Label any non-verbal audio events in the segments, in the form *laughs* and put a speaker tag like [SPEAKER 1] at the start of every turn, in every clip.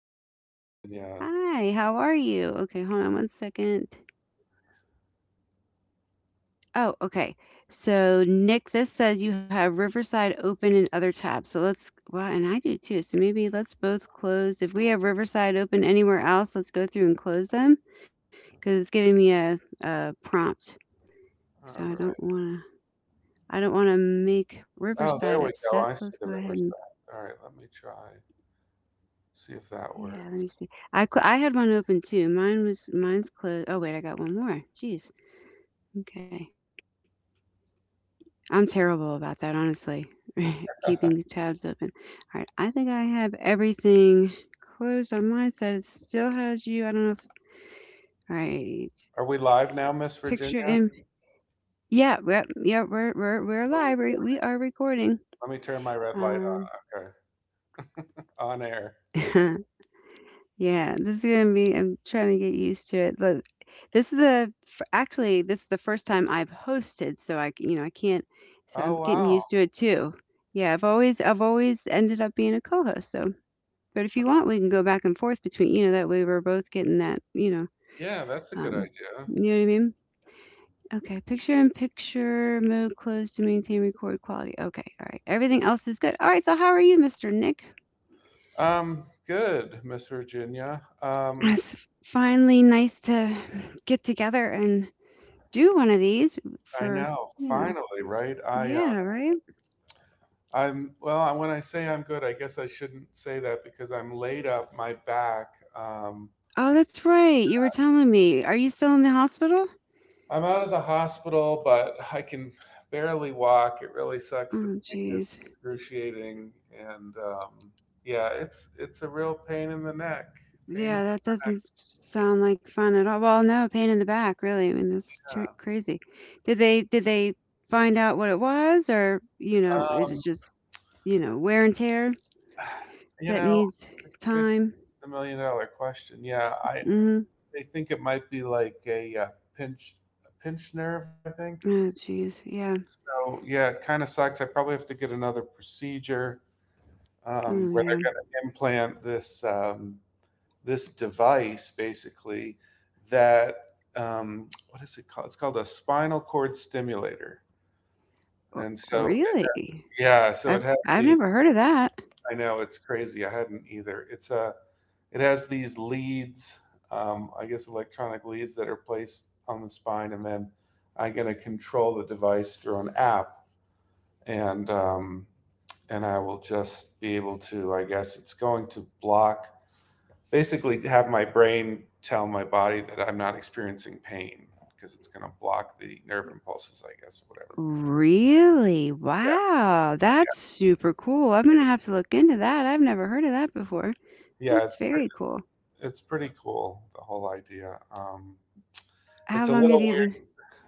[SPEAKER 1] Hi,
[SPEAKER 2] say?
[SPEAKER 1] Virginia.
[SPEAKER 2] Hi, how are you? Okay, hold on 1 second. Oh, okay. So, Nick, this says you have Riverside open in other tabs. So let's, well, and I do too. So maybe let's both close. If we have Riverside open anywhere else, let's go through and close them because it's giving me a prompt. So
[SPEAKER 1] All
[SPEAKER 2] I don't
[SPEAKER 1] right.
[SPEAKER 2] want to, I don't want to make
[SPEAKER 1] Oh,
[SPEAKER 2] Riverside
[SPEAKER 1] there we
[SPEAKER 2] upset.
[SPEAKER 1] go. I
[SPEAKER 2] So let's
[SPEAKER 1] see
[SPEAKER 2] go
[SPEAKER 1] the
[SPEAKER 2] ahead
[SPEAKER 1] river
[SPEAKER 2] and,
[SPEAKER 1] side. All right. Let me try. See if that
[SPEAKER 2] yeah, let me
[SPEAKER 1] works.
[SPEAKER 2] see. I had one open too. Mine's closed. Oh, wait, I got one more. Jeez. Okay. I'm terrible about that, honestly, *laughs* keeping tabs open. All right. I think I have everything closed on my side. It still has you. I don't know if. All right.
[SPEAKER 1] Are we live now, Miss
[SPEAKER 2] Picture
[SPEAKER 1] Virginia?
[SPEAKER 2] in. Yeah. Yep. Yep. We're
[SPEAKER 1] Are we,
[SPEAKER 2] live. We are recording.
[SPEAKER 1] let me turn my red light
[SPEAKER 2] Um.
[SPEAKER 1] on. Okay. On air.
[SPEAKER 2] *laughs* yeah. This is gonna be. I'm trying to get used to it. Look, this is the f- actually this is the first time I've hosted, so you know I can't. So I'm
[SPEAKER 1] Oh,
[SPEAKER 2] getting
[SPEAKER 1] wow.
[SPEAKER 2] used to it too. Yeah. I've always ended up being a co-host. So but if you want, we can go back and forth between, you know, that way we're both getting that,
[SPEAKER 1] Yeah, that's a good
[SPEAKER 2] um,
[SPEAKER 1] idea.
[SPEAKER 2] you know what I mean? Okay, picture in picture mode closed to maintain record quality. Okay, all right. Everything else is good. All right, so how are you, Mr. Nick?
[SPEAKER 1] Good, Miss Virginia.
[SPEAKER 2] It's finally nice to get together and do one of these
[SPEAKER 1] I
[SPEAKER 2] for,
[SPEAKER 1] know.
[SPEAKER 2] you know,
[SPEAKER 1] Finally, right? I
[SPEAKER 2] yeah,
[SPEAKER 1] um
[SPEAKER 2] right?
[SPEAKER 1] I'm well, when I say I'm good, I guess I shouldn't say that because I'm laid up my back. Um
[SPEAKER 2] Oh, that's right. You were telling me. Are you still in the hospital?
[SPEAKER 1] I'm out of the hospital, but I can barely walk. It really sucks. The
[SPEAKER 2] Oh,
[SPEAKER 1] pain is
[SPEAKER 2] jeez.
[SPEAKER 1] excruciating, and yeah, it's a real pain in the neck. Pain in
[SPEAKER 2] Yeah,
[SPEAKER 1] the
[SPEAKER 2] that doesn't s sound like fun at all. Well, no, pain in the back, really. I mean, that's tr
[SPEAKER 1] neck.
[SPEAKER 2] crazy. Did they find out what it was, or, you know, is it
[SPEAKER 1] Um,
[SPEAKER 2] just, you know, wear and tear
[SPEAKER 1] you
[SPEAKER 2] that
[SPEAKER 1] know,
[SPEAKER 2] needs
[SPEAKER 1] a good
[SPEAKER 2] time?
[SPEAKER 1] $1 million question. Yeah, I
[SPEAKER 2] Mhm.
[SPEAKER 1] they think it might be like pinch a pinch nerve. I think
[SPEAKER 2] Oh, jeez. Yeah.
[SPEAKER 1] so. Yeah, it kind of sucks. I probably have to get another procedure
[SPEAKER 2] Oh,
[SPEAKER 1] where
[SPEAKER 2] yeah.
[SPEAKER 1] they're going to implant this. This device, basically. That um, what is it called? It's called a spinal cord stimulator.
[SPEAKER 2] Oh,
[SPEAKER 1] And so,
[SPEAKER 2] really?
[SPEAKER 1] yeah, so it has
[SPEAKER 2] I've
[SPEAKER 1] these.
[SPEAKER 2] never heard of that.
[SPEAKER 1] I know it's crazy. I hadn't either. It's a. It has these leads. I guess electronic leads that are placed on the spine, and then I'm going to control the device through an app, and and I will just be able to. I guess it's going to block, basically, have my brain tell my body that I'm not experiencing pain because it's going to block the nerve impulses, I guess, or whatever.
[SPEAKER 2] Really? Wow, that's super cool. I'm gonna have to look into that. I've never heard of that before.
[SPEAKER 1] Yeah, yeah,
[SPEAKER 2] That's
[SPEAKER 1] it's pretty,
[SPEAKER 2] very cool.
[SPEAKER 1] it's pretty cool, the whole idea.
[SPEAKER 2] How
[SPEAKER 1] It's a
[SPEAKER 2] long have
[SPEAKER 1] little
[SPEAKER 2] you
[SPEAKER 1] weird.
[SPEAKER 2] been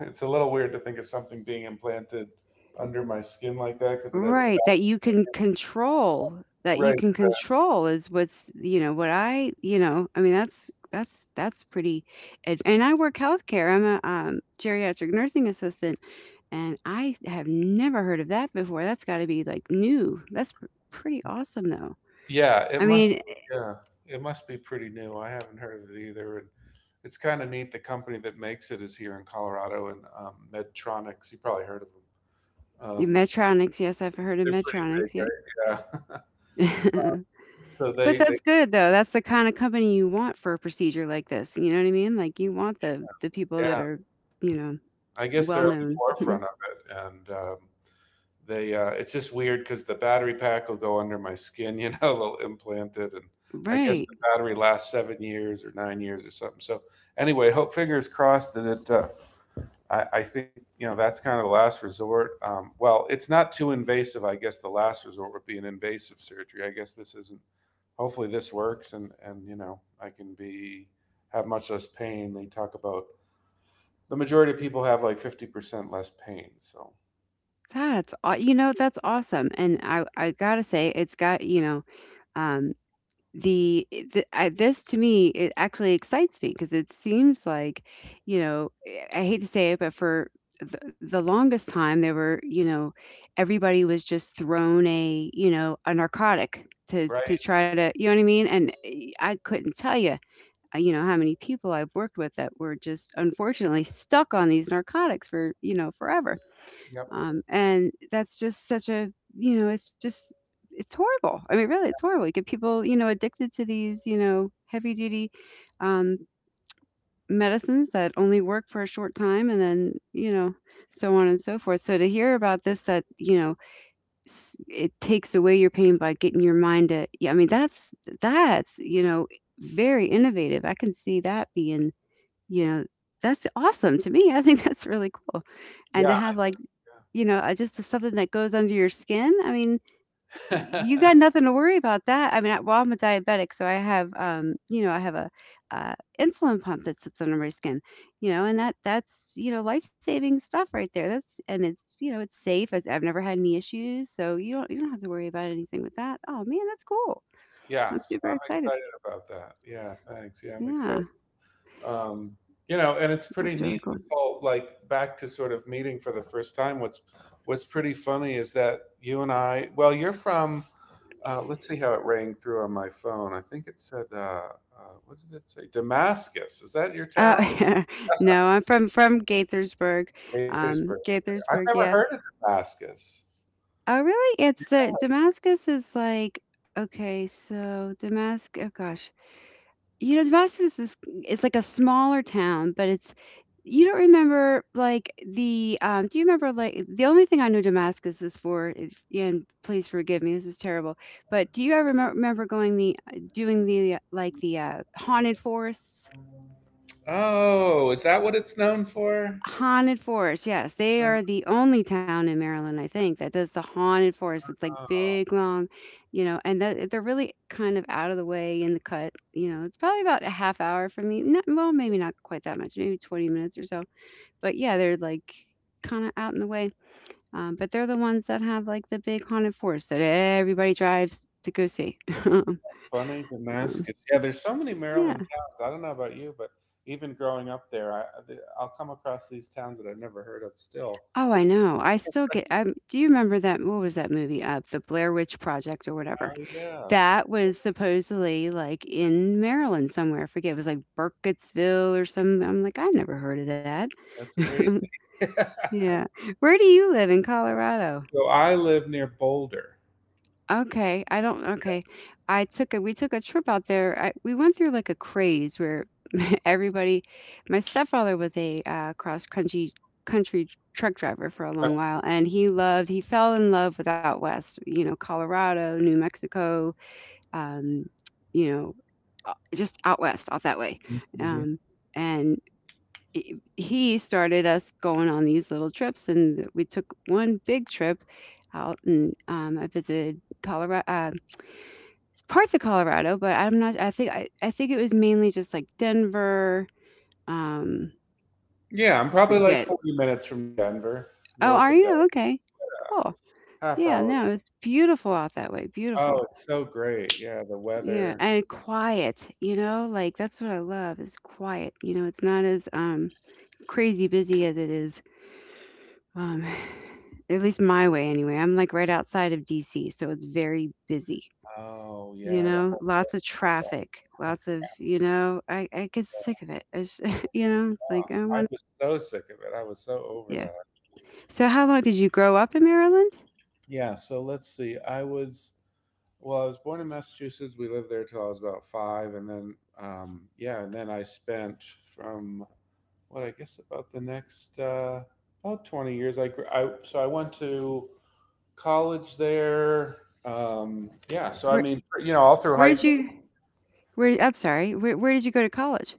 [SPEAKER 1] It's a little weird to think of something being implanted under my skin like that because it has.
[SPEAKER 2] right, that you can control, that you
[SPEAKER 1] Right.
[SPEAKER 2] can control is what's, you know, what I, you know, I mean that's pretty and I work healthcare. I'm a geriatric nursing assistant and I have never heard of that before. That's got to be like new. Pretty awesome though.
[SPEAKER 1] Yeah,
[SPEAKER 2] I
[SPEAKER 1] it
[SPEAKER 2] mean,
[SPEAKER 1] must. Yeah, it must be pretty new. I haven't heard of it either. And it's kind of neat. The company that makes it is here in Colorado, and Medtronics. You probably heard of them. Um,
[SPEAKER 2] Medtronics, yes, I've heard of
[SPEAKER 1] They're pretty big,
[SPEAKER 2] Medtronics, yep.
[SPEAKER 1] right? Yeah.
[SPEAKER 2] *laughs*
[SPEAKER 1] *laughs* so
[SPEAKER 2] But
[SPEAKER 1] they, they,
[SPEAKER 2] that's good though. That's the kind of company you want for a procedure like this. You know what I mean? Like you want the people that
[SPEAKER 1] yeah,
[SPEAKER 2] are, you know,
[SPEAKER 1] I guess
[SPEAKER 2] well
[SPEAKER 1] they're on the
[SPEAKER 2] known.
[SPEAKER 1] forefront of it, and it's just weird because the battery pack will go under my skin, *laughs* they'll implant it, and I guess
[SPEAKER 2] Right.
[SPEAKER 1] the battery lasts 7 years or 9 years or something. So anyway, hope fingers crossed that it. I think that's kind of the last resort. Well, it's not too invasive. I guess the last resort would be an invasive surgery. I guess this isn't hopefully this works, and you know I can be have much less pain. They talk about the majority of people have like 50% less pain, so
[SPEAKER 2] That's aw you know, that's awesome, and I gotta say, it's got you know, um, the I this to me, it actually excites me because it seems like, you know, I hate to say it, but for the longest time, there were you know, everybody was just thrown a you know, a narcotic to
[SPEAKER 1] right,
[SPEAKER 2] try to you know what I mean? And, I couldn't tell you, you know, how many people I've worked with that were just unfortunately stuck on these narcotics for, you know, forever.
[SPEAKER 1] yep,
[SPEAKER 2] And that's just such a you know, it's just it's horrible. I mean, really, it's horrible. You get people, you know, addicted to these, you know, heavy duty um, medicines that only work for a short time and then, you know, so on and so forth. So to hear about this, that, you know, it takes away your pain by getting your mind to, yeah, I mean, that's, you know, very innovative. I can see that being, you know, that's awesome to me. *laughs* I think that's really cool. And to
[SPEAKER 1] yeah,
[SPEAKER 2] have like, you know, I just something that goes under your skin. I mean,
[SPEAKER 1] yeah.
[SPEAKER 2] you
[SPEAKER 1] *laughs*
[SPEAKER 2] got nothing to worry about that. I mean, I well, I'm a diabetic, so I have, you know, I have a, uh, insulin pump that sits under my skin, you know, and that's, you know, life-saving stuff right there. That's and it's, you know, it's safe. It's I've never had any issues, so you don't have to worry about anything with that. Oh, man, that's cool.
[SPEAKER 1] Yeah.
[SPEAKER 2] I'm
[SPEAKER 1] So
[SPEAKER 2] super
[SPEAKER 1] I'm
[SPEAKER 2] excited.
[SPEAKER 1] excited about that. Yeah, thanks. Yeah, I'm
[SPEAKER 2] Yeah,
[SPEAKER 1] excited. um, you know, and it's pretty
[SPEAKER 2] that's really
[SPEAKER 1] neat.
[SPEAKER 2] cool.
[SPEAKER 1] This whole, like, back to sort of meeting for the first time. What's pretty funny is that you and I. Well, you're from. Let's see how it rang through on my phone. I think it said. What did it say? Damascus. Is that your
[SPEAKER 2] Oh,
[SPEAKER 1] town?
[SPEAKER 2] *laughs* no, I'm from Gaithersburg.
[SPEAKER 1] Gaithersburg. I've
[SPEAKER 2] Gaithersburg,
[SPEAKER 1] never
[SPEAKER 2] yeah.
[SPEAKER 1] heard of Damascus.
[SPEAKER 2] Oh, really? It's the Damascus is like okay, so Damascus, oh gosh. You know, Damascus is it's like a smaller town, but it's you don't remember like the do you remember like the only thing I know Damascus is for is and please forgive me, this is terrible. But do you ever remember going the doing the like the haunted forests?
[SPEAKER 1] Oh, is that what it's known for?
[SPEAKER 2] Haunted Forest, yes. They are the only town in Maryland, I think, that does the haunted forest. It's like
[SPEAKER 1] Oh.
[SPEAKER 2] big, long, you know, and that, they're really kind of out of the way in the cut. You know, it's probably about a half hour from me. Not, well, maybe not quite that much, maybe 20 minutes or so. But yeah, they're like kind of out in the way. But they're the ones that have like the big haunted forest that everybody drives to go see. *laughs* um,
[SPEAKER 1] Funny Damascus. Yeah, there's so many
[SPEAKER 2] yeah.
[SPEAKER 1] Maryland towns. I don't know about you, but even growing up there, will come across these towns that I've never heard of still.
[SPEAKER 2] Oh, I know. I still get. I do you remember that? What was that movie? The Blair Witch Project or whatever.
[SPEAKER 1] Oh, yeah.
[SPEAKER 2] That was supposedly, like, in Maryland somewhere, I forget, it was, like, Burkittsville or some I'm like, I never heard of that.
[SPEAKER 1] That's
[SPEAKER 2] *laughs*
[SPEAKER 1] crazy. *laughs*
[SPEAKER 2] Yeah. Where do you live in Colorado?
[SPEAKER 1] So I live near Boulder.
[SPEAKER 2] Okay, I don't okay. I took a we took a trip out there, I we went through, like, a craze where *laughs* everybody my stepfather was a, cross country country truck driver for a long while, and he fell in love with out west, you know, Colorado, New Mexico, um, you know, just out west, out that way.
[SPEAKER 1] Hmm.
[SPEAKER 2] Um, and he started us going on these little trips, and we took one big trip out, and I visited Colorado, parts of Colorado, but I'm not. I think it was mainly just like Denver. Um,
[SPEAKER 1] Yeah, I'm
[SPEAKER 2] I
[SPEAKER 1] probably like
[SPEAKER 2] forget.
[SPEAKER 1] 40 minutes from Denver,
[SPEAKER 2] Oh,
[SPEAKER 1] north of
[SPEAKER 2] are
[SPEAKER 1] Denver,
[SPEAKER 2] you okay? Cool.
[SPEAKER 1] half
[SPEAKER 2] Yeah, no,
[SPEAKER 1] hours.
[SPEAKER 2] it's beautiful out that way. Beautiful.
[SPEAKER 1] Oh, it's so great. Yeah, the
[SPEAKER 2] Yeah,
[SPEAKER 1] weather.
[SPEAKER 2] and quiet, you know? Like that's what I love is quiet. You know, it's not as crazy busy as it is um *sighs* at least my way anyway. I'm like right outside of DC, so it's very busy.
[SPEAKER 1] Oh,
[SPEAKER 2] You
[SPEAKER 1] yeah, the
[SPEAKER 2] know,
[SPEAKER 1] whole.
[SPEAKER 2] lots of traffic, lots of, you know, I get sick of it. It's, *laughs* you know, it's like I
[SPEAKER 1] I
[SPEAKER 2] want
[SPEAKER 1] was so sick of it. I was so over
[SPEAKER 2] yeah.
[SPEAKER 1] that.
[SPEAKER 2] So how long did you grow up in Maryland?
[SPEAKER 1] Yeah, so let's see. I was Well, I was born in Massachusetts. We lived there till I was about five, and then, yeah, and then I spent from what, I guess, about the next, about 20 years. I, gr- I so I went to college there. Yeah, so I
[SPEAKER 2] Where
[SPEAKER 1] mean, all through
[SPEAKER 2] where
[SPEAKER 1] high
[SPEAKER 2] did
[SPEAKER 1] school.
[SPEAKER 2] you where I'm sorry, where did you go to college?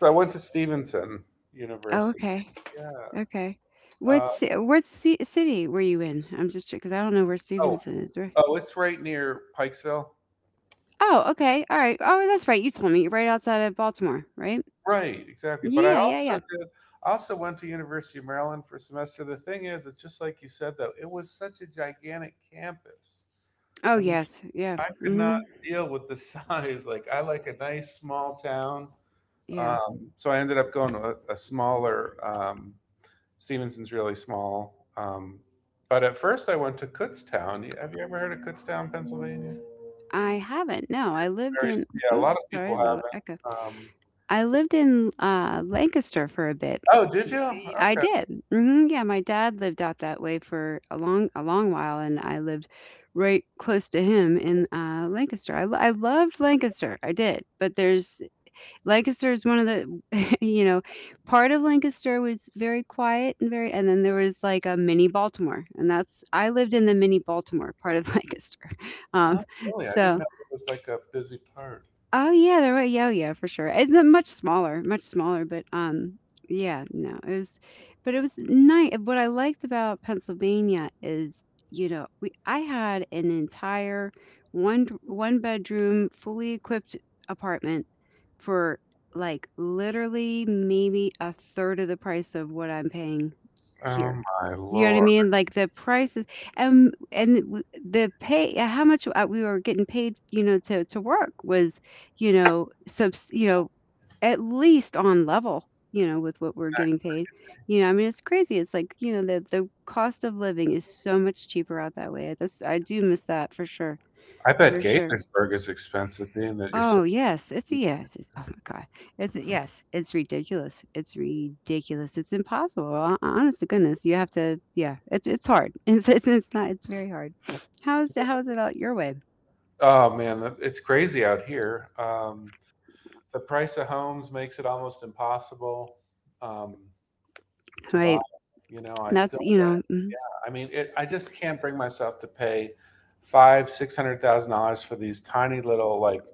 [SPEAKER 1] So I went to Stevenson
[SPEAKER 2] Oh,
[SPEAKER 1] University.
[SPEAKER 2] okay.
[SPEAKER 1] Yeah.
[SPEAKER 2] Okay.
[SPEAKER 1] Uh,
[SPEAKER 2] What ci city were you in? I'm just because I don't know where
[SPEAKER 1] oh,
[SPEAKER 2] Stevenson is, right?
[SPEAKER 1] oh, it's right near Pikesville.
[SPEAKER 2] Oh, okay. All right. Oh, that's right. You told me. You're right outside of Baltimore, right?
[SPEAKER 1] Right, exactly. But I also
[SPEAKER 2] Yeah.
[SPEAKER 1] did I also went to University of Maryland for a semester. The thing is, it's just like you said though, it was such a gigantic campus.
[SPEAKER 2] Oh,
[SPEAKER 1] I mean,
[SPEAKER 2] yes. Yeah.
[SPEAKER 1] I could not
[SPEAKER 2] hmm
[SPEAKER 1] deal with the *laughs* size. Like, I like a nice small town.
[SPEAKER 2] Yeah.
[SPEAKER 1] So I ended up going to a smaller. Stevenson's really small. But at first I went to Kutztown. Have you ever heard of Kutztown, Pennsylvania?
[SPEAKER 2] I haven't. No, I lived
[SPEAKER 1] Very,
[SPEAKER 2] in,
[SPEAKER 1] yeah, a
[SPEAKER 2] oh,
[SPEAKER 1] lot of people
[SPEAKER 2] sorry, little
[SPEAKER 1] haven't.
[SPEAKER 2] echo.
[SPEAKER 1] Um,
[SPEAKER 2] I lived in Lancaster for a bit.
[SPEAKER 1] oh, did you?
[SPEAKER 2] I
[SPEAKER 1] Okay.
[SPEAKER 2] did. Hmm Yeah, my dad lived out that way for a long while, and I lived right close to him in Lancaster. I loved Lancaster. I did, but there's Lancaster is one of the, *laughs* you know, part of Lancaster was very quiet and very, and then there was like a mini Baltimore, and that's I lived in the mini Baltimore part of *laughs* Lancaster. Um,
[SPEAKER 1] Not really? I didn't
[SPEAKER 2] so
[SPEAKER 1] know it was like a busy part.
[SPEAKER 2] oh yeah, the right. Yeah, for sure. It's not much smaller, much smaller, but yeah, no, it was, but it was nice. What I liked about Pennsylvania is, you know, we I had an entire one bedroom fully equipped apartment for like literally maybe a third of the price of what I'm paying
[SPEAKER 1] Oh
[SPEAKER 2] here.
[SPEAKER 1] my
[SPEAKER 2] You know what
[SPEAKER 1] lord!
[SPEAKER 2] I mean? Like the prices and the pay, how much we were getting paid, you know, to work was you know, subs you know, at least on level, you know, with what we're getting paid. You know, I mean, it's crazy. It's like, you know, the cost of living is so much cheaper out that way. That's I do miss that for sure,
[SPEAKER 1] I bet
[SPEAKER 2] for sure.
[SPEAKER 1] Gaithersburg is expensive, being that you're so.
[SPEAKER 2] Oh, yes. It's a yes. It's, oh my God. It's a yes. It's ridiculous. It's ridiculous. It's impossible. Honest to goodness, you have to. Yeah, it's hard. *laughs* It's not. It's very hard. How is it out your way?
[SPEAKER 1] Oh, man, it's crazy out here. The price of homes makes it almost impossible um, to buy.
[SPEAKER 2] Right.
[SPEAKER 1] You know, I still
[SPEAKER 2] That's you know. Mm,
[SPEAKER 1] I mean, I just can't bring myself to pay five, $600,000 for these tiny little, like,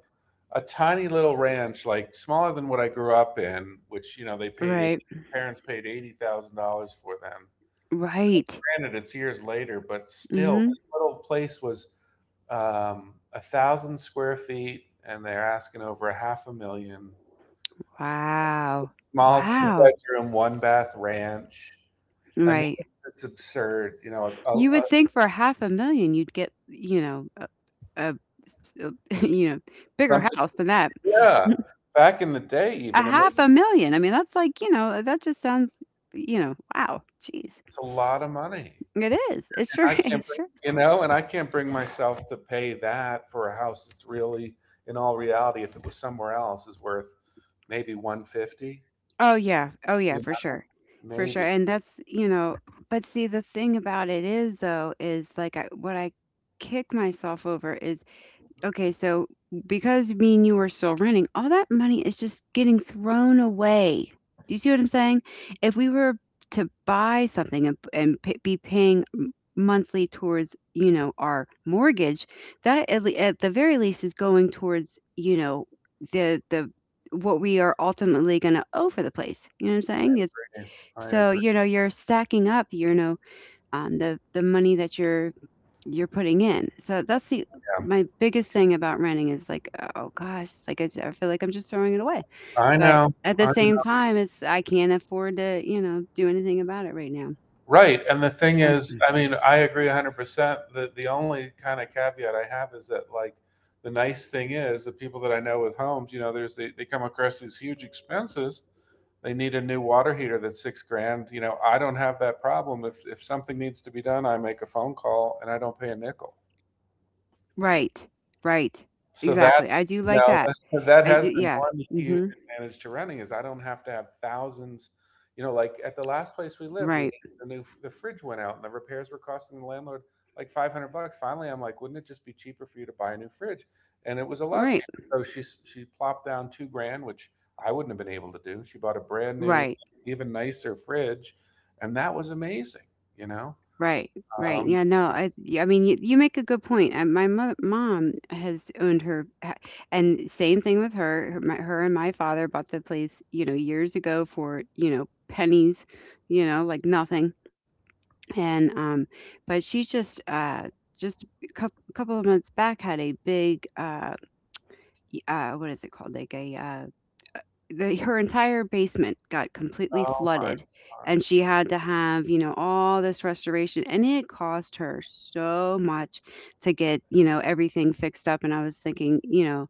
[SPEAKER 1] a tiny little ranch, like smaller than what I grew up in, which, they paid,
[SPEAKER 2] Right.
[SPEAKER 1] 80, parents paid $80,000 for them.
[SPEAKER 2] Right.
[SPEAKER 1] Granted, it's years later, but still,
[SPEAKER 2] mm-hmm.
[SPEAKER 1] this little place was 1,000 square feet, and they're asking over a half a million.
[SPEAKER 2] Wow.
[SPEAKER 1] Small two
[SPEAKER 2] Wow.
[SPEAKER 1] bedroom, one bath ranch. I mean,
[SPEAKER 2] Right.
[SPEAKER 1] it's absurd. You know,
[SPEAKER 2] You would think for half a million you'd get, a s s *laughs* bigger
[SPEAKER 1] something.
[SPEAKER 2] house than that.
[SPEAKER 1] Yeah. Back in the day
[SPEAKER 2] A
[SPEAKER 1] even, I mean,
[SPEAKER 2] half a million. I mean, that's like, that just sounds, wow, jeez.
[SPEAKER 1] it's a lot of money, and
[SPEAKER 2] It is. It sure *laughs*
[SPEAKER 1] I can't
[SPEAKER 2] it
[SPEAKER 1] bring
[SPEAKER 2] sure is.
[SPEAKER 1] you know, and I can't bring myself to pay that for a house that's really, in all reality, if it was somewhere else, is worth maybe 150,
[SPEAKER 2] Oh, yeah. Oh, yeah,
[SPEAKER 1] you
[SPEAKER 2] for
[SPEAKER 1] know?
[SPEAKER 2] sure. For sure.
[SPEAKER 1] Maybe.
[SPEAKER 2] And that's, but see, the thing about it is, though, is like I what I kick myself over is. Okay, so because me and you are still renting, all that money is just getting thrown away. Do you see what I'm saying? If we were to buy something and be paying monthly towards, our mortgage, that at the very least is going towards, the what we are ultimately going to owe for the place. You know what I'm saying? It's
[SPEAKER 1] I
[SPEAKER 2] so
[SPEAKER 1] agree,
[SPEAKER 2] you're stacking up, the money that you're putting in. So that's the
[SPEAKER 1] yeah.
[SPEAKER 2] my biggest thing about renting is like, oh gosh, it's like I feel like I'm just throwing it away.
[SPEAKER 1] I
[SPEAKER 2] But
[SPEAKER 1] know,
[SPEAKER 2] at the
[SPEAKER 1] I
[SPEAKER 2] same
[SPEAKER 1] know.
[SPEAKER 2] time, it's I can't afford to, do anything about it right now.
[SPEAKER 1] Right, and the thing
[SPEAKER 2] Um,
[SPEAKER 1] is, I mean, I agree 100%. The only kinda caveat I have is that, like, the nice thing is the people that I know with homes, there's they come across these huge expenses. They need a new water heater that's 6 grand. You know, I don't have that problem. If something needs to be done, I make a phone call and I don't pay a nickel.
[SPEAKER 2] right, right,
[SPEAKER 1] So
[SPEAKER 2] exactly.
[SPEAKER 1] that's,
[SPEAKER 2] I do
[SPEAKER 1] you
[SPEAKER 2] like
[SPEAKER 1] know
[SPEAKER 2] that.
[SPEAKER 1] *laughs* that
[SPEAKER 2] I
[SPEAKER 1] has
[SPEAKER 2] do,
[SPEAKER 1] been
[SPEAKER 2] yeah.
[SPEAKER 1] one huge
[SPEAKER 2] Hmm.
[SPEAKER 1] advantage to renting is I don't have to have thousands. You know, like at the last place we lived, we
[SPEAKER 2] Right,
[SPEAKER 1] the new the fridge went out and the repairs were costing the landlord like $500. Finally, I'm like, wouldn't it just be cheaper for you to buy a new fridge? And it was a lot
[SPEAKER 2] right,
[SPEAKER 1] cheaper. So she plopped down 2 grand, which I wouldn't have been able to do. She bought a brand new,
[SPEAKER 2] right.
[SPEAKER 1] even nicer fridge, and that was amazing. You know,
[SPEAKER 2] Right, right.
[SPEAKER 1] um,
[SPEAKER 2] Yeah, no, I mean, you make a good point. And my mo mom has owned and same thing with her. Her and my father bought the place, years ago for, pennies, like nothing. And but she's just just couple of months back had a big what is it called? Like a the her entire basement got completely
[SPEAKER 1] oh my
[SPEAKER 2] flooded,
[SPEAKER 1] God.
[SPEAKER 2] and she had to have, all this restoration, and it cost her so much to get, everything fixed up. And I was thinking,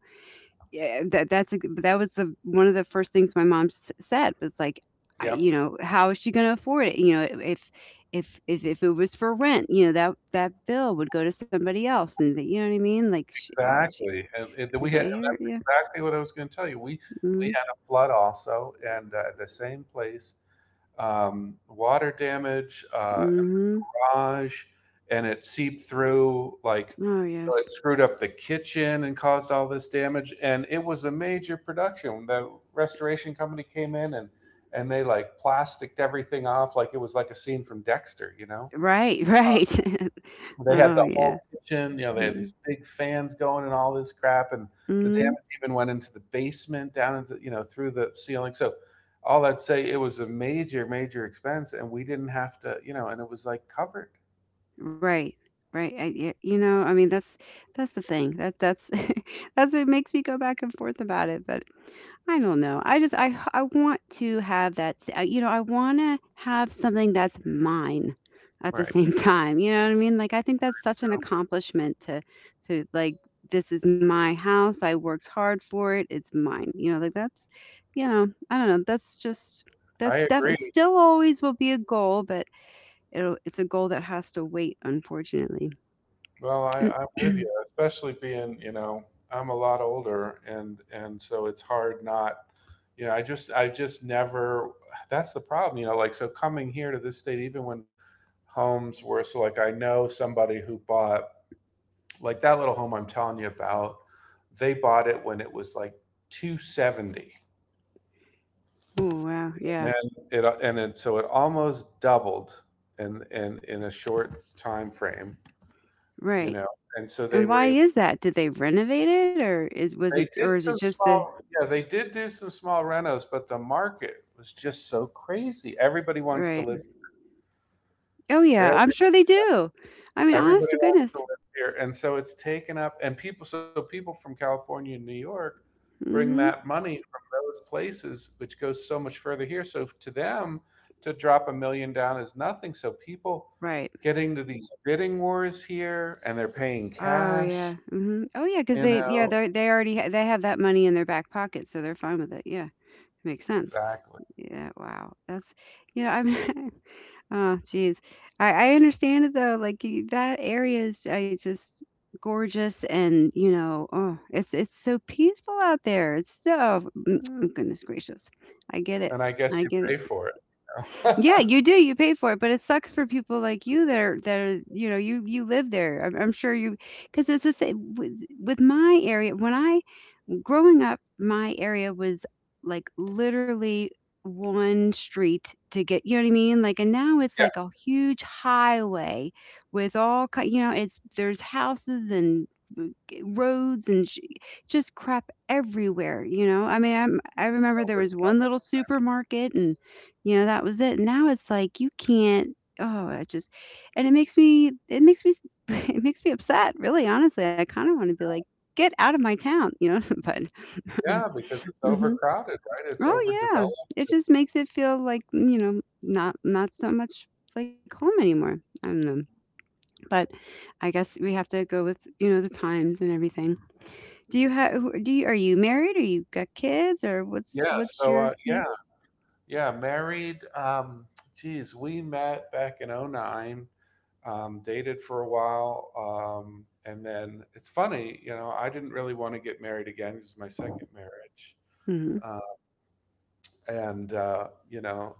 [SPEAKER 2] yeah, that was the one of the first things my said, was like, I,
[SPEAKER 1] Yep.
[SPEAKER 2] how is she going to afford it, if if it was for rent? That bill would go to somebody else. And that, you know what I mean? Like, she, oh jeez.
[SPEAKER 1] Exactly, and then
[SPEAKER 2] Is
[SPEAKER 1] we
[SPEAKER 2] that
[SPEAKER 1] had, and
[SPEAKER 2] your,
[SPEAKER 1] that's
[SPEAKER 2] yeah.
[SPEAKER 1] exactly what I was gonna tell you. We
[SPEAKER 2] Mm-hmm.
[SPEAKER 1] had a flood also, and, at the same place, water damage, an
[SPEAKER 2] Mm-hmm.
[SPEAKER 1] garage, and it seeped through, like,
[SPEAKER 2] Oh
[SPEAKER 1] so
[SPEAKER 2] yes.
[SPEAKER 1] it screwed up the kitchen and caused all this damage, and it was a major production. The restoration company came in, and they, like, plasticked everything off like it was like a scene from Dexter, you know?
[SPEAKER 2] Right, *laughs* right. *laughs*
[SPEAKER 1] They had
[SPEAKER 2] Oh,
[SPEAKER 1] the
[SPEAKER 2] yeah.
[SPEAKER 1] whole kitchen, you know, they had these big fans going and all this crap, and the
[SPEAKER 2] Mhm.
[SPEAKER 1] damage even went into the basement, down into, you know, through the ceiling. So all that to say, it was a major, major expense, and we didn't have to, you know, and it was like covered.
[SPEAKER 2] Right, right. You know, I mean, that's the thing. That that's *laughs* that's what makes me go back and forth about it. But I don't know. I just I want to have that. You know, I want to have something that's mine at the
[SPEAKER 1] Right.
[SPEAKER 2] same *laughs* time. You know what I mean? Like, I think that's such an
[SPEAKER 1] So
[SPEAKER 2] accomplishment to like, this is my house. I worked hard for it. It's mine. You know, like, that's, I don't know. That's just
[SPEAKER 1] I
[SPEAKER 2] it
[SPEAKER 1] agree.
[SPEAKER 2] still always will be a goal, but it'll, it's a goal that has to wait, unfortunately.
[SPEAKER 1] Well, I,
[SPEAKER 2] *clears throat* Oh,
[SPEAKER 1] I'm with you, especially being, I'm a lot older, and so it's hard not. I just never. That's the problem, you know, like, so coming here to this state, even when homes were so, like, I know somebody who bought like that little home I'm telling you about, they bought it when it was like 270.
[SPEAKER 2] wow.
[SPEAKER 1] And
[SPEAKER 2] Yeah.
[SPEAKER 1] then it and it so it almost doubled, and in a short time frame, you
[SPEAKER 2] Right.
[SPEAKER 1] know. And so they
[SPEAKER 2] And
[SPEAKER 1] were able.
[SPEAKER 2] why is that? Did they renovate it, or is, was it,
[SPEAKER 1] They
[SPEAKER 2] or
[SPEAKER 1] did
[SPEAKER 2] is it
[SPEAKER 1] some
[SPEAKER 2] just the,
[SPEAKER 1] small, Yeah, they did do some small renos, but the market was just so crazy. Everybody wants to
[SPEAKER 2] right?
[SPEAKER 1] live,
[SPEAKER 2] Oh yeah,
[SPEAKER 1] eh,
[SPEAKER 2] I'm sure they do. I mean, honest
[SPEAKER 1] everybody
[SPEAKER 2] to
[SPEAKER 1] wants to
[SPEAKER 2] goodness.
[SPEAKER 1] live here, and so it's taken up. So people from California and New York bring
[SPEAKER 2] Mhm.
[SPEAKER 1] that money from those places, which goes so much further here. So to them, to drop a million down is nothing. So people
[SPEAKER 2] Right.
[SPEAKER 1] get into these bidding wars here, and they're paying
[SPEAKER 2] Oh yeah.
[SPEAKER 1] cash,
[SPEAKER 2] Mhm. Oh yeah, cuz
[SPEAKER 1] you
[SPEAKER 2] they, yeah,
[SPEAKER 1] know,
[SPEAKER 2] they already they have that money in their back pocket, so they're fine with it. Yeah. Makes sense.
[SPEAKER 1] exactly.
[SPEAKER 2] Yeah, wow. That's, I'm *laughs* oh, geez, I understand it though. Like, that area is, I just, gorgeous, and you know, oh, it's so peaceful out there. It's so mm, mm, goodness gracious. I get it.
[SPEAKER 1] And I
[SPEAKER 2] I
[SPEAKER 1] guess you
[SPEAKER 2] get it.
[SPEAKER 1] pay for
[SPEAKER 2] Yeah,
[SPEAKER 1] it. *laughs*
[SPEAKER 2] you do. You pay for it, but it sucks for people like you that are, that are, you know, you live there. I'm sure you, because it's the same with, my area. When I, growing up, my area was like, literally one street to get, you know what I mean? Like, and now it's
[SPEAKER 1] Yeah,
[SPEAKER 2] like a huge highway with all, you know, it's, there's houses and mm, roads and just crap everywhere, you know? I mean, I remember there was one
[SPEAKER 1] over
[SPEAKER 2] little supermarket and, you know, that was it. Now it's like you can't, oh, it just, and it makes me, *laughs* it makes me upset, really, honestly. I kind of want to be like, "Get out of my town," you know, *laughs* but
[SPEAKER 1] Yeah, because it's
[SPEAKER 2] *laughs* Mhm.
[SPEAKER 1] overcrowded, right? It's
[SPEAKER 2] Oh, yeah.
[SPEAKER 1] overdeveloped.
[SPEAKER 2] It just makes it feel like, you know, not not so much like home anymore. I don't know, but I guess we have to go with, you know, the times and everything. Do you have? Do you Are you married, or you got kids, or what's
[SPEAKER 1] Yeah. So,
[SPEAKER 2] your, yeah.
[SPEAKER 1] yeah, yeah. Married. Geez, we met back in '09, dated for a while. And then it's funny, you know, I didn't really want to get married again. This is my second marriage.
[SPEAKER 2] Mhm.
[SPEAKER 1] Uh, and,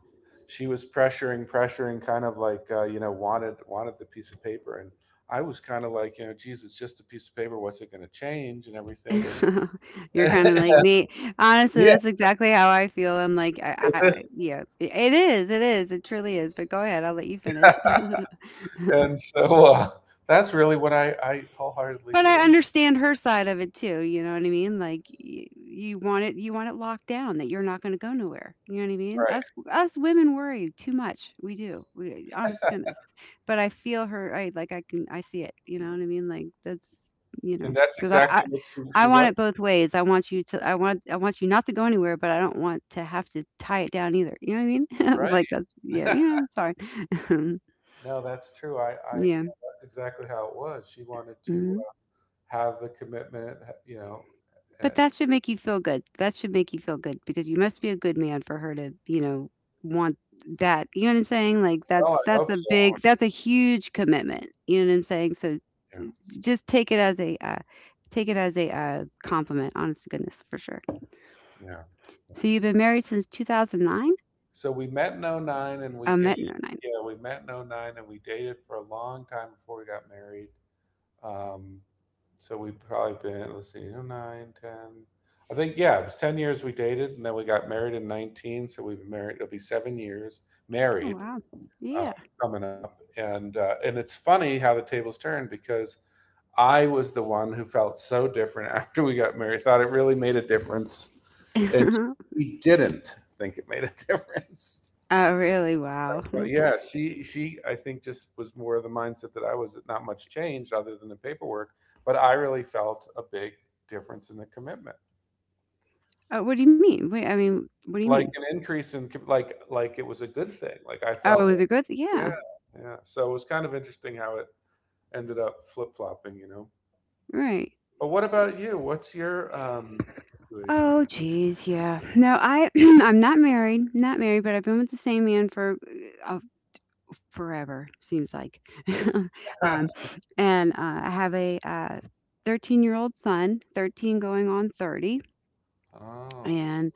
[SPEAKER 1] she was pressuring, pressuring, kind of like, wanted the piece of paper. And I was kind of like, geez, it's just a piece of paper. What's it going to change and everything?
[SPEAKER 2] *laughs* You're kinda like
[SPEAKER 1] *laughs*
[SPEAKER 2] me. Honestly,
[SPEAKER 1] Yeah,
[SPEAKER 2] that's exactly how I feel. I'm like,
[SPEAKER 1] it's
[SPEAKER 2] I yeah. It is, it is, it truly is, but go ahead, I'll let you finish. *laughs*
[SPEAKER 1] and so, that's really what I wholeheartedly
[SPEAKER 2] But I
[SPEAKER 1] believe.
[SPEAKER 2] understand her side of it too, you know what I mean? Like, y you want it, locked down that you're not gonna go nowhere, you know what I mean?
[SPEAKER 1] Right.
[SPEAKER 2] Us women worry too much, we do, we, honest to goodness, but I feel her, I like, I see it, you know what I mean? Like, that's, you know,
[SPEAKER 1] And that's
[SPEAKER 2] 'cause
[SPEAKER 1] exactly what
[SPEAKER 2] I
[SPEAKER 1] she
[SPEAKER 2] want it
[SPEAKER 1] was.
[SPEAKER 2] both ways. I want you to, I want you not to go anywhere, but I don't want to have to tie it down either, you know what I mean? *laughs* Like,
[SPEAKER 1] Right.
[SPEAKER 2] that's, yeah, yeah, sorry. *laughs*
[SPEAKER 1] *laughs* No, that's true. I Yeah,
[SPEAKER 2] Yeah,
[SPEAKER 1] that's exactly how it was. She wanted to
[SPEAKER 2] mhm.
[SPEAKER 1] have the commitment.
[SPEAKER 2] But
[SPEAKER 1] uh
[SPEAKER 2] that should make you feel good. That should make you feel good, because you must be a good man for her to, you know, want that. You know what I'm saying? Like,
[SPEAKER 1] well, I
[SPEAKER 2] that's
[SPEAKER 1] hope
[SPEAKER 2] a
[SPEAKER 1] so.
[SPEAKER 2] big that's a huge commitment. You know what I'm saying? So
[SPEAKER 1] Yeah.
[SPEAKER 2] s- just take it as a compliment. Honest to goodness, for sure.
[SPEAKER 1] Yeah.
[SPEAKER 2] So you've been married since 2009?
[SPEAKER 1] So we met in '09, and we
[SPEAKER 2] I
[SPEAKER 1] dated.
[SPEAKER 2] met in '09.
[SPEAKER 1] Yeah, we met in '09, and we dated for a long time before we got married. Um, So we've probably been, let's see, you I think, yeah, it was 10 years we dated, and then we got married in 19. So we've been married, it'll be 7 years
[SPEAKER 2] Oh
[SPEAKER 1] married,
[SPEAKER 2] wow.
[SPEAKER 1] uh,
[SPEAKER 2] Yeah.
[SPEAKER 1] coming up. And it's funny how the tables turned because I was the one who felt so different *laughs* after we got married, thought it really made a difference. And
[SPEAKER 2] *laughs*
[SPEAKER 1] he didn't think it made a *laughs* difference.
[SPEAKER 2] Oh really? Wow.
[SPEAKER 1] Well,
[SPEAKER 2] *laughs*
[SPEAKER 1] yeah, she I think just was more of the mindset that I was, that not much changed other than the paperwork, but I really felt a big difference in the commitment.
[SPEAKER 2] What do you mean? Wait, I mean, what do you mean?
[SPEAKER 1] Like an increase in like it was a good thing. Like I
[SPEAKER 2] Oh,
[SPEAKER 1] felt
[SPEAKER 2] it was
[SPEAKER 1] like,
[SPEAKER 2] a good. Yeah.
[SPEAKER 1] yeah, yeah. So it was kind of interesting how it ended up flip-flopping.
[SPEAKER 2] Right.
[SPEAKER 1] But what about you? What's your situation?
[SPEAKER 2] Oh geez, yeah. No, I *clears throat* I'm not married, not married, but I've been with the same man for uh, forever, seems like. *laughs* um,
[SPEAKER 1] *laughs*
[SPEAKER 2] and I have a 13-year-old son, 13 going on 30,
[SPEAKER 1] Oh.
[SPEAKER 2] and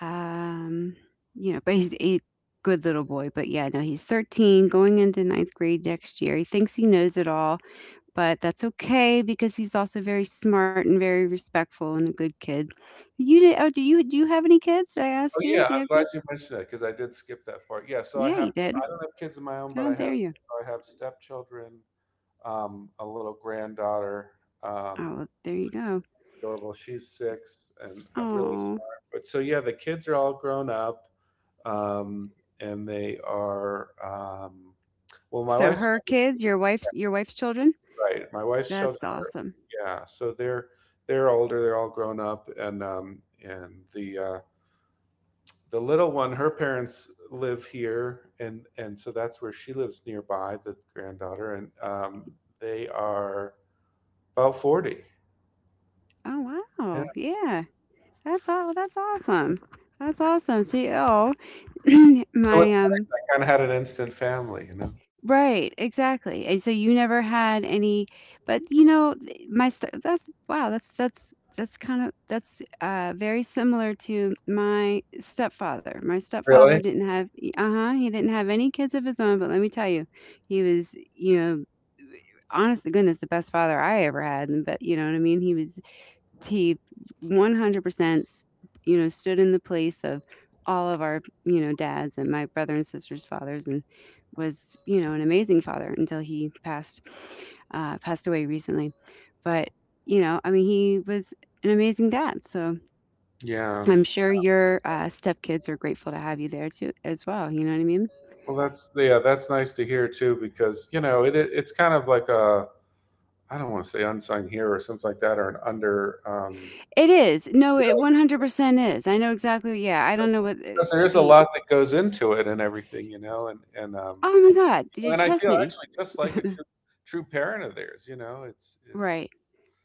[SPEAKER 2] um, you know, but he's a good little boy. But yeah, no, he's 13 going into ninth grade next year. He thinks he knows it all, but that's okay because he's also very smart and very respectful and a good kid. You did? Oh, do you have any kids? Did I
[SPEAKER 1] Oh
[SPEAKER 2] ask you?
[SPEAKER 1] yeah,
[SPEAKER 2] Do you
[SPEAKER 1] I'm
[SPEAKER 2] have
[SPEAKER 1] glad
[SPEAKER 2] kids?
[SPEAKER 1] you mentioned that because I did skip that part. Yeah, so
[SPEAKER 2] Yeah, you
[SPEAKER 1] I
[SPEAKER 2] did.
[SPEAKER 1] don't have kids of my own, but
[SPEAKER 2] How
[SPEAKER 1] I have
[SPEAKER 2] dare you?
[SPEAKER 1] I have stepchildren, a little granddaughter.
[SPEAKER 2] Oh,
[SPEAKER 1] Um,
[SPEAKER 2] well, there you go.
[SPEAKER 1] it's adorable. She's 6 and really
[SPEAKER 2] Oh,
[SPEAKER 1] smart. But so yeah, the kids are all grown up, um, and they are. Well, my
[SPEAKER 2] so
[SPEAKER 1] wife's.
[SPEAKER 2] her kids, your wife's children.
[SPEAKER 1] Right. My wife's children,
[SPEAKER 2] That's awesome.
[SPEAKER 1] yeah. So they're older. They're all grown up, and and the little one, her parents live here, and so that's where she lives nearby. The granddaughter, and they are about 40.
[SPEAKER 2] Oh
[SPEAKER 1] Yeah.
[SPEAKER 2] wow, yeah, that's all. That's awesome. That's awesome. See, oh, *clears throat*
[SPEAKER 1] So
[SPEAKER 2] my
[SPEAKER 1] it's nice. I kind of had an instant family.
[SPEAKER 2] right, exactly, and so you never had any, but, you know, th my st that's wow, that's that's kinda, that's, very similar to my stepfather. My stepfather
[SPEAKER 1] Really?
[SPEAKER 2] didn't have, uh-huh, he didn't have any kids of his own, but let me tell you, he was, you know, honest to goodness, the best father I ever had. And but, you know what I mean? He was he 100% you know, stood in the place of all of our, you know, dads, and my brother and sister's fathers, and was, you know, an amazing father until he passed, passed away recently. But, you know, I mean, he was an amazing dad. So
[SPEAKER 1] Yeah.
[SPEAKER 2] I'm sure your, stepkids are grateful to have you there too, as well, you know what I mean?
[SPEAKER 1] Well, that's, yeah, that's nice to hear too, because you know it's kind of like a I don't want to say unsung hero or something like that, or an under
[SPEAKER 2] It is. No,
[SPEAKER 1] you know,
[SPEAKER 2] it 100% is, I know exactly. Yeah, I don't know what,
[SPEAKER 1] because there is a
[SPEAKER 2] the,
[SPEAKER 1] lot that goes into it and everything, and and um,
[SPEAKER 2] oh my god,
[SPEAKER 1] you know,
[SPEAKER 2] you
[SPEAKER 1] and I
[SPEAKER 2] trust
[SPEAKER 1] feel
[SPEAKER 2] me,
[SPEAKER 1] actually just like a true parent of theirs. It's
[SPEAKER 2] right.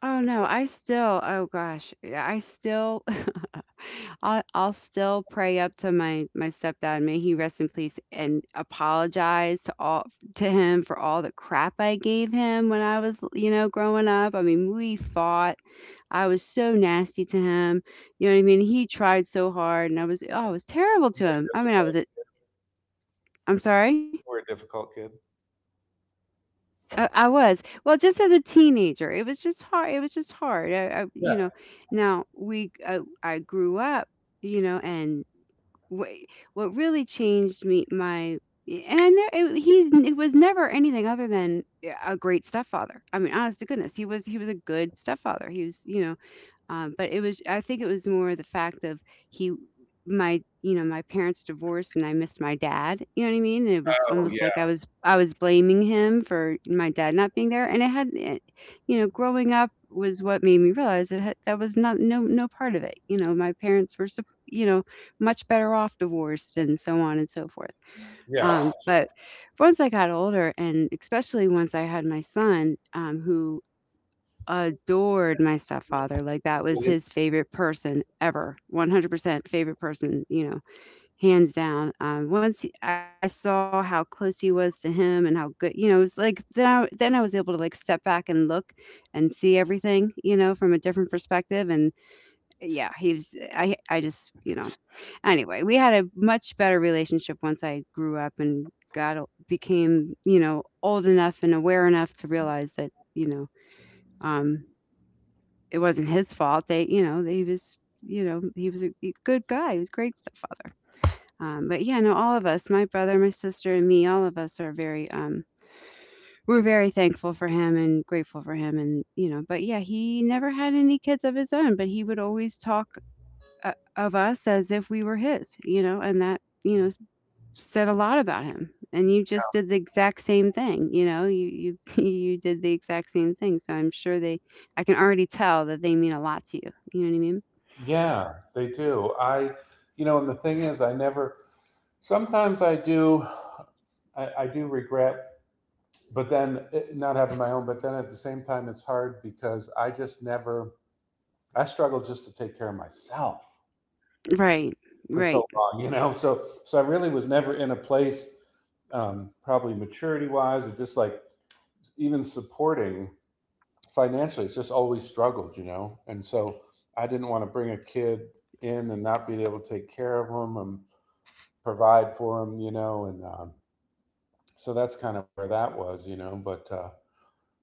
[SPEAKER 2] Oh,
[SPEAKER 1] I
[SPEAKER 2] no,
[SPEAKER 1] feel
[SPEAKER 2] I still, oh gosh, yeah, I still *laughs* I'll still pray up to my stepdad, may he rest in peace, and apologize to all to him for all the crap I gave him when I was, you know, growing up. I mean, we fought. I was so nasty to him. You know what I mean? He tried so hard and I was, oh, I was terrible
[SPEAKER 1] we
[SPEAKER 2] to him. I mean, I was
[SPEAKER 1] difficult
[SPEAKER 2] a, I'm sorry?
[SPEAKER 1] More a difficult kid.
[SPEAKER 2] I was. Well, just as a teenager, it was just hard. It was just hard. I, you
[SPEAKER 1] Yeah.
[SPEAKER 2] know, now we, I grew up, you know, and what, what really changed me, my, and I know it, he's, it was never anything other than a great stepfather. I mean, honest to goodness, he was a good stepfather. He was. But it was I think it was more the fact of— he my you know, my parents divorced and I missed my dad. You know what I mean? And it was
[SPEAKER 1] Oh
[SPEAKER 2] almost like
[SPEAKER 1] yeah.
[SPEAKER 2] I was blaming him for my dad not being there. And it had it, you know, growing up was what made me realize that was not no part of it. You know, my parents were much better off divorced and so on and so forth.
[SPEAKER 1] Yeah.
[SPEAKER 2] But once I got older, and especially once I had my son, who adored my stepfather. Like that was his favorite person ever. 100% favorite person, hands down. Once I saw how close he was to him and how good, you know, it was like then I was able to like step back and look and see everything, you know, from a different perspective. And yeah, I just, anyway, we had a much better relationship once I grew up and got, became, you know, old enough and aware enough to realize that, you know, um, it wasn't his fault. They, you know, they was, you know, He was a good guy. He was a great stepfather. But yeah, no, all of us, my brother, my sister, and me, all of us are very, we're very thankful for him and grateful for him. And, you know, but yeah, he never had any kids of his own, but he would always talk of us as if we were his, you know, and that, you know, said a lot about him. And you just did the exact same thing, you know, *laughs* you did the exact same thing. So I can already tell that they mean a lot to you. You know what I mean?
[SPEAKER 1] Yeah, they do. And the thing is, I never. Sometimes I do regret, but then not having my own. But then at the same time, it's hard because I just never, I struggled just to take care of myself
[SPEAKER 2] Right,
[SPEAKER 1] for so
[SPEAKER 2] right.
[SPEAKER 1] long. So, I really was never in a place, probably maturity wise, or just like even supporting financially. It's just always struggled. And so I didn't want to bring a kid in and not be able to take care of them and provide for them. And so that's kind of where that was. But uh,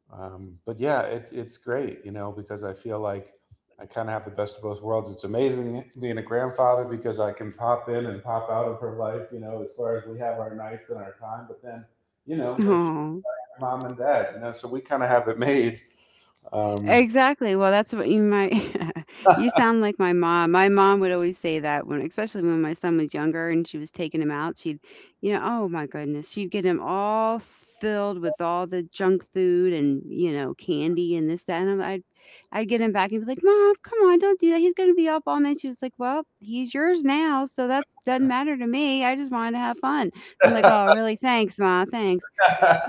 [SPEAKER 1] Um, but yeah, it's great, because I feel like I kind of have the best of both worlds. It's amazing being a grandfather because I can pop in and pop out of her life, as far as we have our nights and our time. But then, then she
[SPEAKER 2] Oh,
[SPEAKER 1] has mom and dad, so we kind of have it made. Um,
[SPEAKER 2] exactly. Well, that's what you might. *laughs* You sound like my mom. My mom would always say that when, especially when my son was younger and she was taking him out, oh my goodness, she'd get him all filled with all the junk food and candy and this that, and I'd get him back and be like, "Mom, come on, don't do that. He's gonna be up all night." She was like, "Well, he's yours now, so that's doesn't matter to me. I just wanted to have fun." I'm like, "Oh, really? Thanks, Ma. Thanks."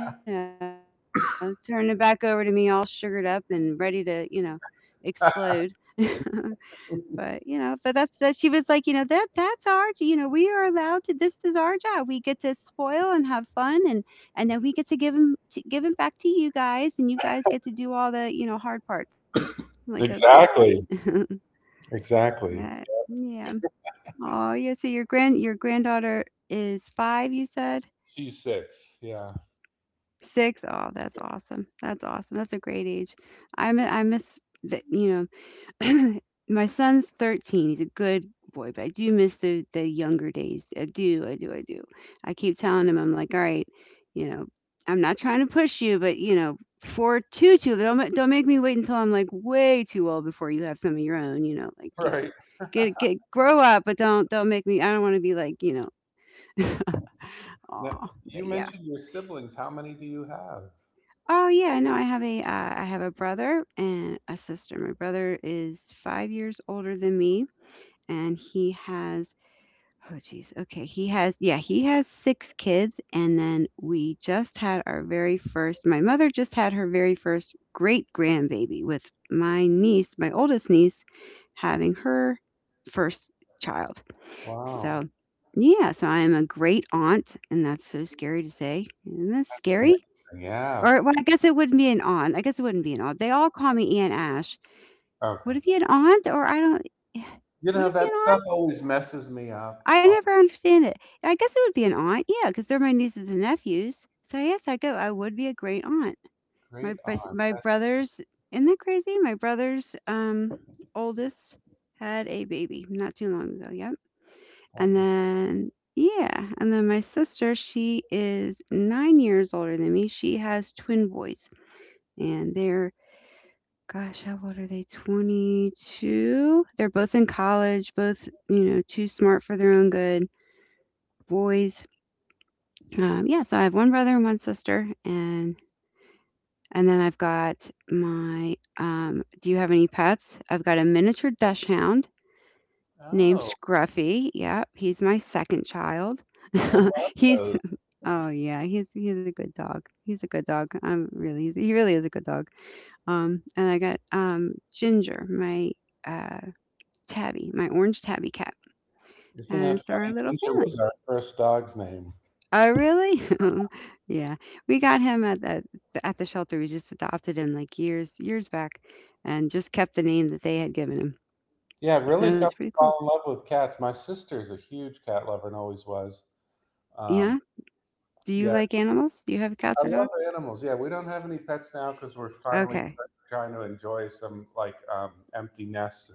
[SPEAKER 2] You know, turn it back over to me all sugared up and ready to, explode. *laughs* but, but that's that she was like, you know, that's our, we are allowed to this is our job. We get to spoil and have fun, and then we get to give 'em back to you guys and you guys get to do all the, you know, hard parts. I'm like, "Okay."
[SPEAKER 1] exactly,
[SPEAKER 2] *laughs*
[SPEAKER 1] exactly.
[SPEAKER 2] Yeah. Yeah. Oh, yeah. So your granddaughter is five, you said?
[SPEAKER 1] She's six. Yeah. *laughs*
[SPEAKER 2] 6? Oh, that's awesome. That's awesome. That's a great age. I miss that, you know, *clears throat* my son's 13. He's a good boy, but I do miss the younger days. I do. I do. I do. I keep telling him I'm like, "All right, you know, I'm not trying to push you, but you know, for too little, don't make me wait until I'm like way too old before you have some of your own, you know, like, you know,
[SPEAKER 1] Right.
[SPEAKER 2] get grow up, but don't make me I don't want to be like, you know," *laughs*
[SPEAKER 1] Now,
[SPEAKER 2] oh,
[SPEAKER 1] you
[SPEAKER 2] but yeah.
[SPEAKER 1] mentioned your siblings. How many do you have?
[SPEAKER 2] Oh yeah, no, I have a brother and a sister. My brother is 5 years older than me, and he has, oh geez, okay, he has six kids, and then we just had our very first. My mother just had her very first great grandbaby with my niece, my oldest niece, having her first child. So
[SPEAKER 1] Wow.
[SPEAKER 2] yeah, so I am a great aunt, and that's so scary to say. Isn't that scary?
[SPEAKER 1] Amazing. Yeah.
[SPEAKER 2] Or well, I guess it wouldn't be an aunt. I guess it wouldn't be an aunt. They all call me Aunt Ash.
[SPEAKER 1] Okay.
[SPEAKER 2] Would it be an aunt or I don't— *sighs*
[SPEAKER 1] You know,
[SPEAKER 2] would it be
[SPEAKER 1] that
[SPEAKER 2] an
[SPEAKER 1] stuff
[SPEAKER 2] aunt?
[SPEAKER 1] always messes me up.
[SPEAKER 2] I
[SPEAKER 1] Oh,
[SPEAKER 2] never understand it. I guess it would be an aunt. Yeah, because 'cause they're my nieces and nephews. So yes, I go. I would be a great aunt.
[SPEAKER 1] great aunt.
[SPEAKER 2] My brothers, isn't that crazy? My brother's oldest had a baby not too long ago. Yep.
[SPEAKER 1] That
[SPEAKER 2] And
[SPEAKER 1] is,
[SPEAKER 2] then yeah, and then my sister, she is 9 years older than me. She has twin boys and they're gosh, how old are they? 22? They're both in college, both, you know, too smart for their own good boys. Yeah, so I have one brother and one sister, and then I've got my. Do you have any pets? I've got a miniature dash hound named
[SPEAKER 1] oh,
[SPEAKER 2] Scruffy. Yep, he's my second child.
[SPEAKER 1] I love
[SPEAKER 2] *laughs* he's
[SPEAKER 1] those.
[SPEAKER 2] Oh yeah, he's a good dog. He's a good dog. He really is a good dog. And I got Ginger, my uh Tabby, my orange tabby cat,
[SPEAKER 1] Isn't
[SPEAKER 2] and
[SPEAKER 1] that
[SPEAKER 2] it's our
[SPEAKER 1] funny?
[SPEAKER 2] little
[SPEAKER 1] Ginger
[SPEAKER 2] family.
[SPEAKER 1] was our first dog's name.
[SPEAKER 2] Oh, really? *laughs* Yeah, we got him at the shelter. We just adopted him like years back, and just kept the name that they had given him.
[SPEAKER 1] Yeah, I've really
[SPEAKER 2] That was
[SPEAKER 1] come
[SPEAKER 2] pretty
[SPEAKER 1] to
[SPEAKER 2] cool.
[SPEAKER 1] fall in love with cats. My sister's a huge cat lover and always was. Um,
[SPEAKER 2] Yeah. Do you
[SPEAKER 1] yeah,
[SPEAKER 2] like animals? Do you have
[SPEAKER 1] I
[SPEAKER 2] cats or
[SPEAKER 1] love
[SPEAKER 2] dogs?
[SPEAKER 1] animals. Yeah, we don't have any pets now because we're finally
[SPEAKER 2] Okay.
[SPEAKER 1] trying to enjoy some empty nests.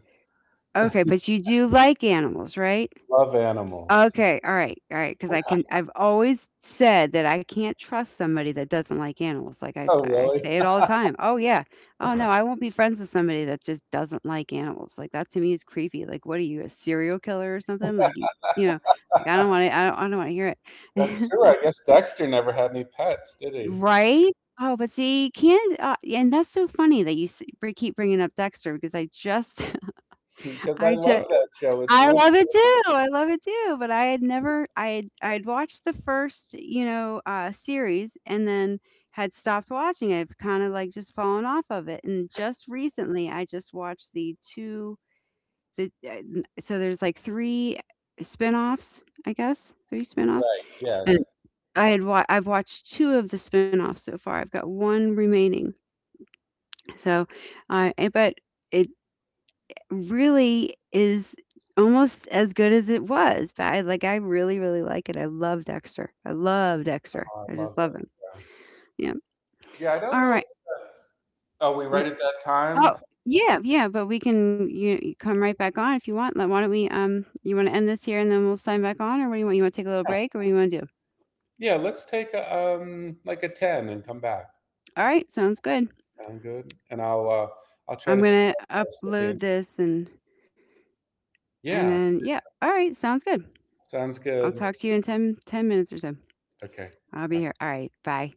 [SPEAKER 2] Okay, but you do like animals, right?
[SPEAKER 1] Love animals.
[SPEAKER 2] Okay, all right, because I've always said that I can't trust somebody that doesn't like animals, like, I
[SPEAKER 1] Oh,
[SPEAKER 2] I
[SPEAKER 1] really?
[SPEAKER 2] say it all the time. "Oh, yeah. Oh, no, I won't be friends with somebody that just doesn't like animals." Like, that to me is creepy. Like, what are you, a serial killer or something? Like, you know, like, I don't wanna hear
[SPEAKER 1] That's
[SPEAKER 2] it. *laughs*
[SPEAKER 1] true.
[SPEAKER 2] That's
[SPEAKER 1] I guess Dexter never had any pets, did he? *laughs*
[SPEAKER 2] Right? Oh, but see, you can't, and that's so funny that you s keep bringing up Dexter because I just *laughs*
[SPEAKER 1] Because I
[SPEAKER 2] I
[SPEAKER 1] love
[SPEAKER 2] just.
[SPEAKER 1] that show. It's
[SPEAKER 2] I
[SPEAKER 1] one of
[SPEAKER 2] love it too, I love it too, but I had never I had I had watched the first, you know, series and then had stopped watching it. I've kinda, like, just fallen off of it, and just recently, I just watched the 2— the, n so there's, like, 3 spinoffs, I guess, 3 spinoffs,
[SPEAKER 1] Right. Yes.
[SPEAKER 2] and I had wa I've watched 2 of the spinoffs so far, I've got 1 remaining, so, but it really is almost as good as it was. But I really, really like it. I love Dexter. I love Dexter.
[SPEAKER 1] Oh, I
[SPEAKER 2] I
[SPEAKER 1] love
[SPEAKER 2] just love him.
[SPEAKER 1] it.
[SPEAKER 2] Yeah.
[SPEAKER 1] Yeah. Yeah. I don't
[SPEAKER 2] All
[SPEAKER 1] know. If,
[SPEAKER 2] right.
[SPEAKER 1] Are we
[SPEAKER 2] We're,
[SPEAKER 1] right at that time?
[SPEAKER 2] oh yeah, yeah. But you, come right back on if you want. Like, why don't we? You want to end this here and then we'll sign back on, or what do you want? You want to take a little break, or what do you want to do?
[SPEAKER 1] Yeah. Let's take like a ten and come back.
[SPEAKER 2] All right. Sounds good.
[SPEAKER 1] Sound good? And I'll try
[SPEAKER 2] I'm
[SPEAKER 1] to figure
[SPEAKER 2] gonna
[SPEAKER 1] out the rest of
[SPEAKER 2] upload
[SPEAKER 1] the-
[SPEAKER 2] this and
[SPEAKER 1] Yeah.
[SPEAKER 2] then yeah. All right. Sounds good.
[SPEAKER 1] Sounds
[SPEAKER 2] I'll
[SPEAKER 1] good.
[SPEAKER 2] talk to you in ten minutes or so.
[SPEAKER 1] Okay.
[SPEAKER 2] I'll be here.
[SPEAKER 1] Bye.
[SPEAKER 2] All right. Bye.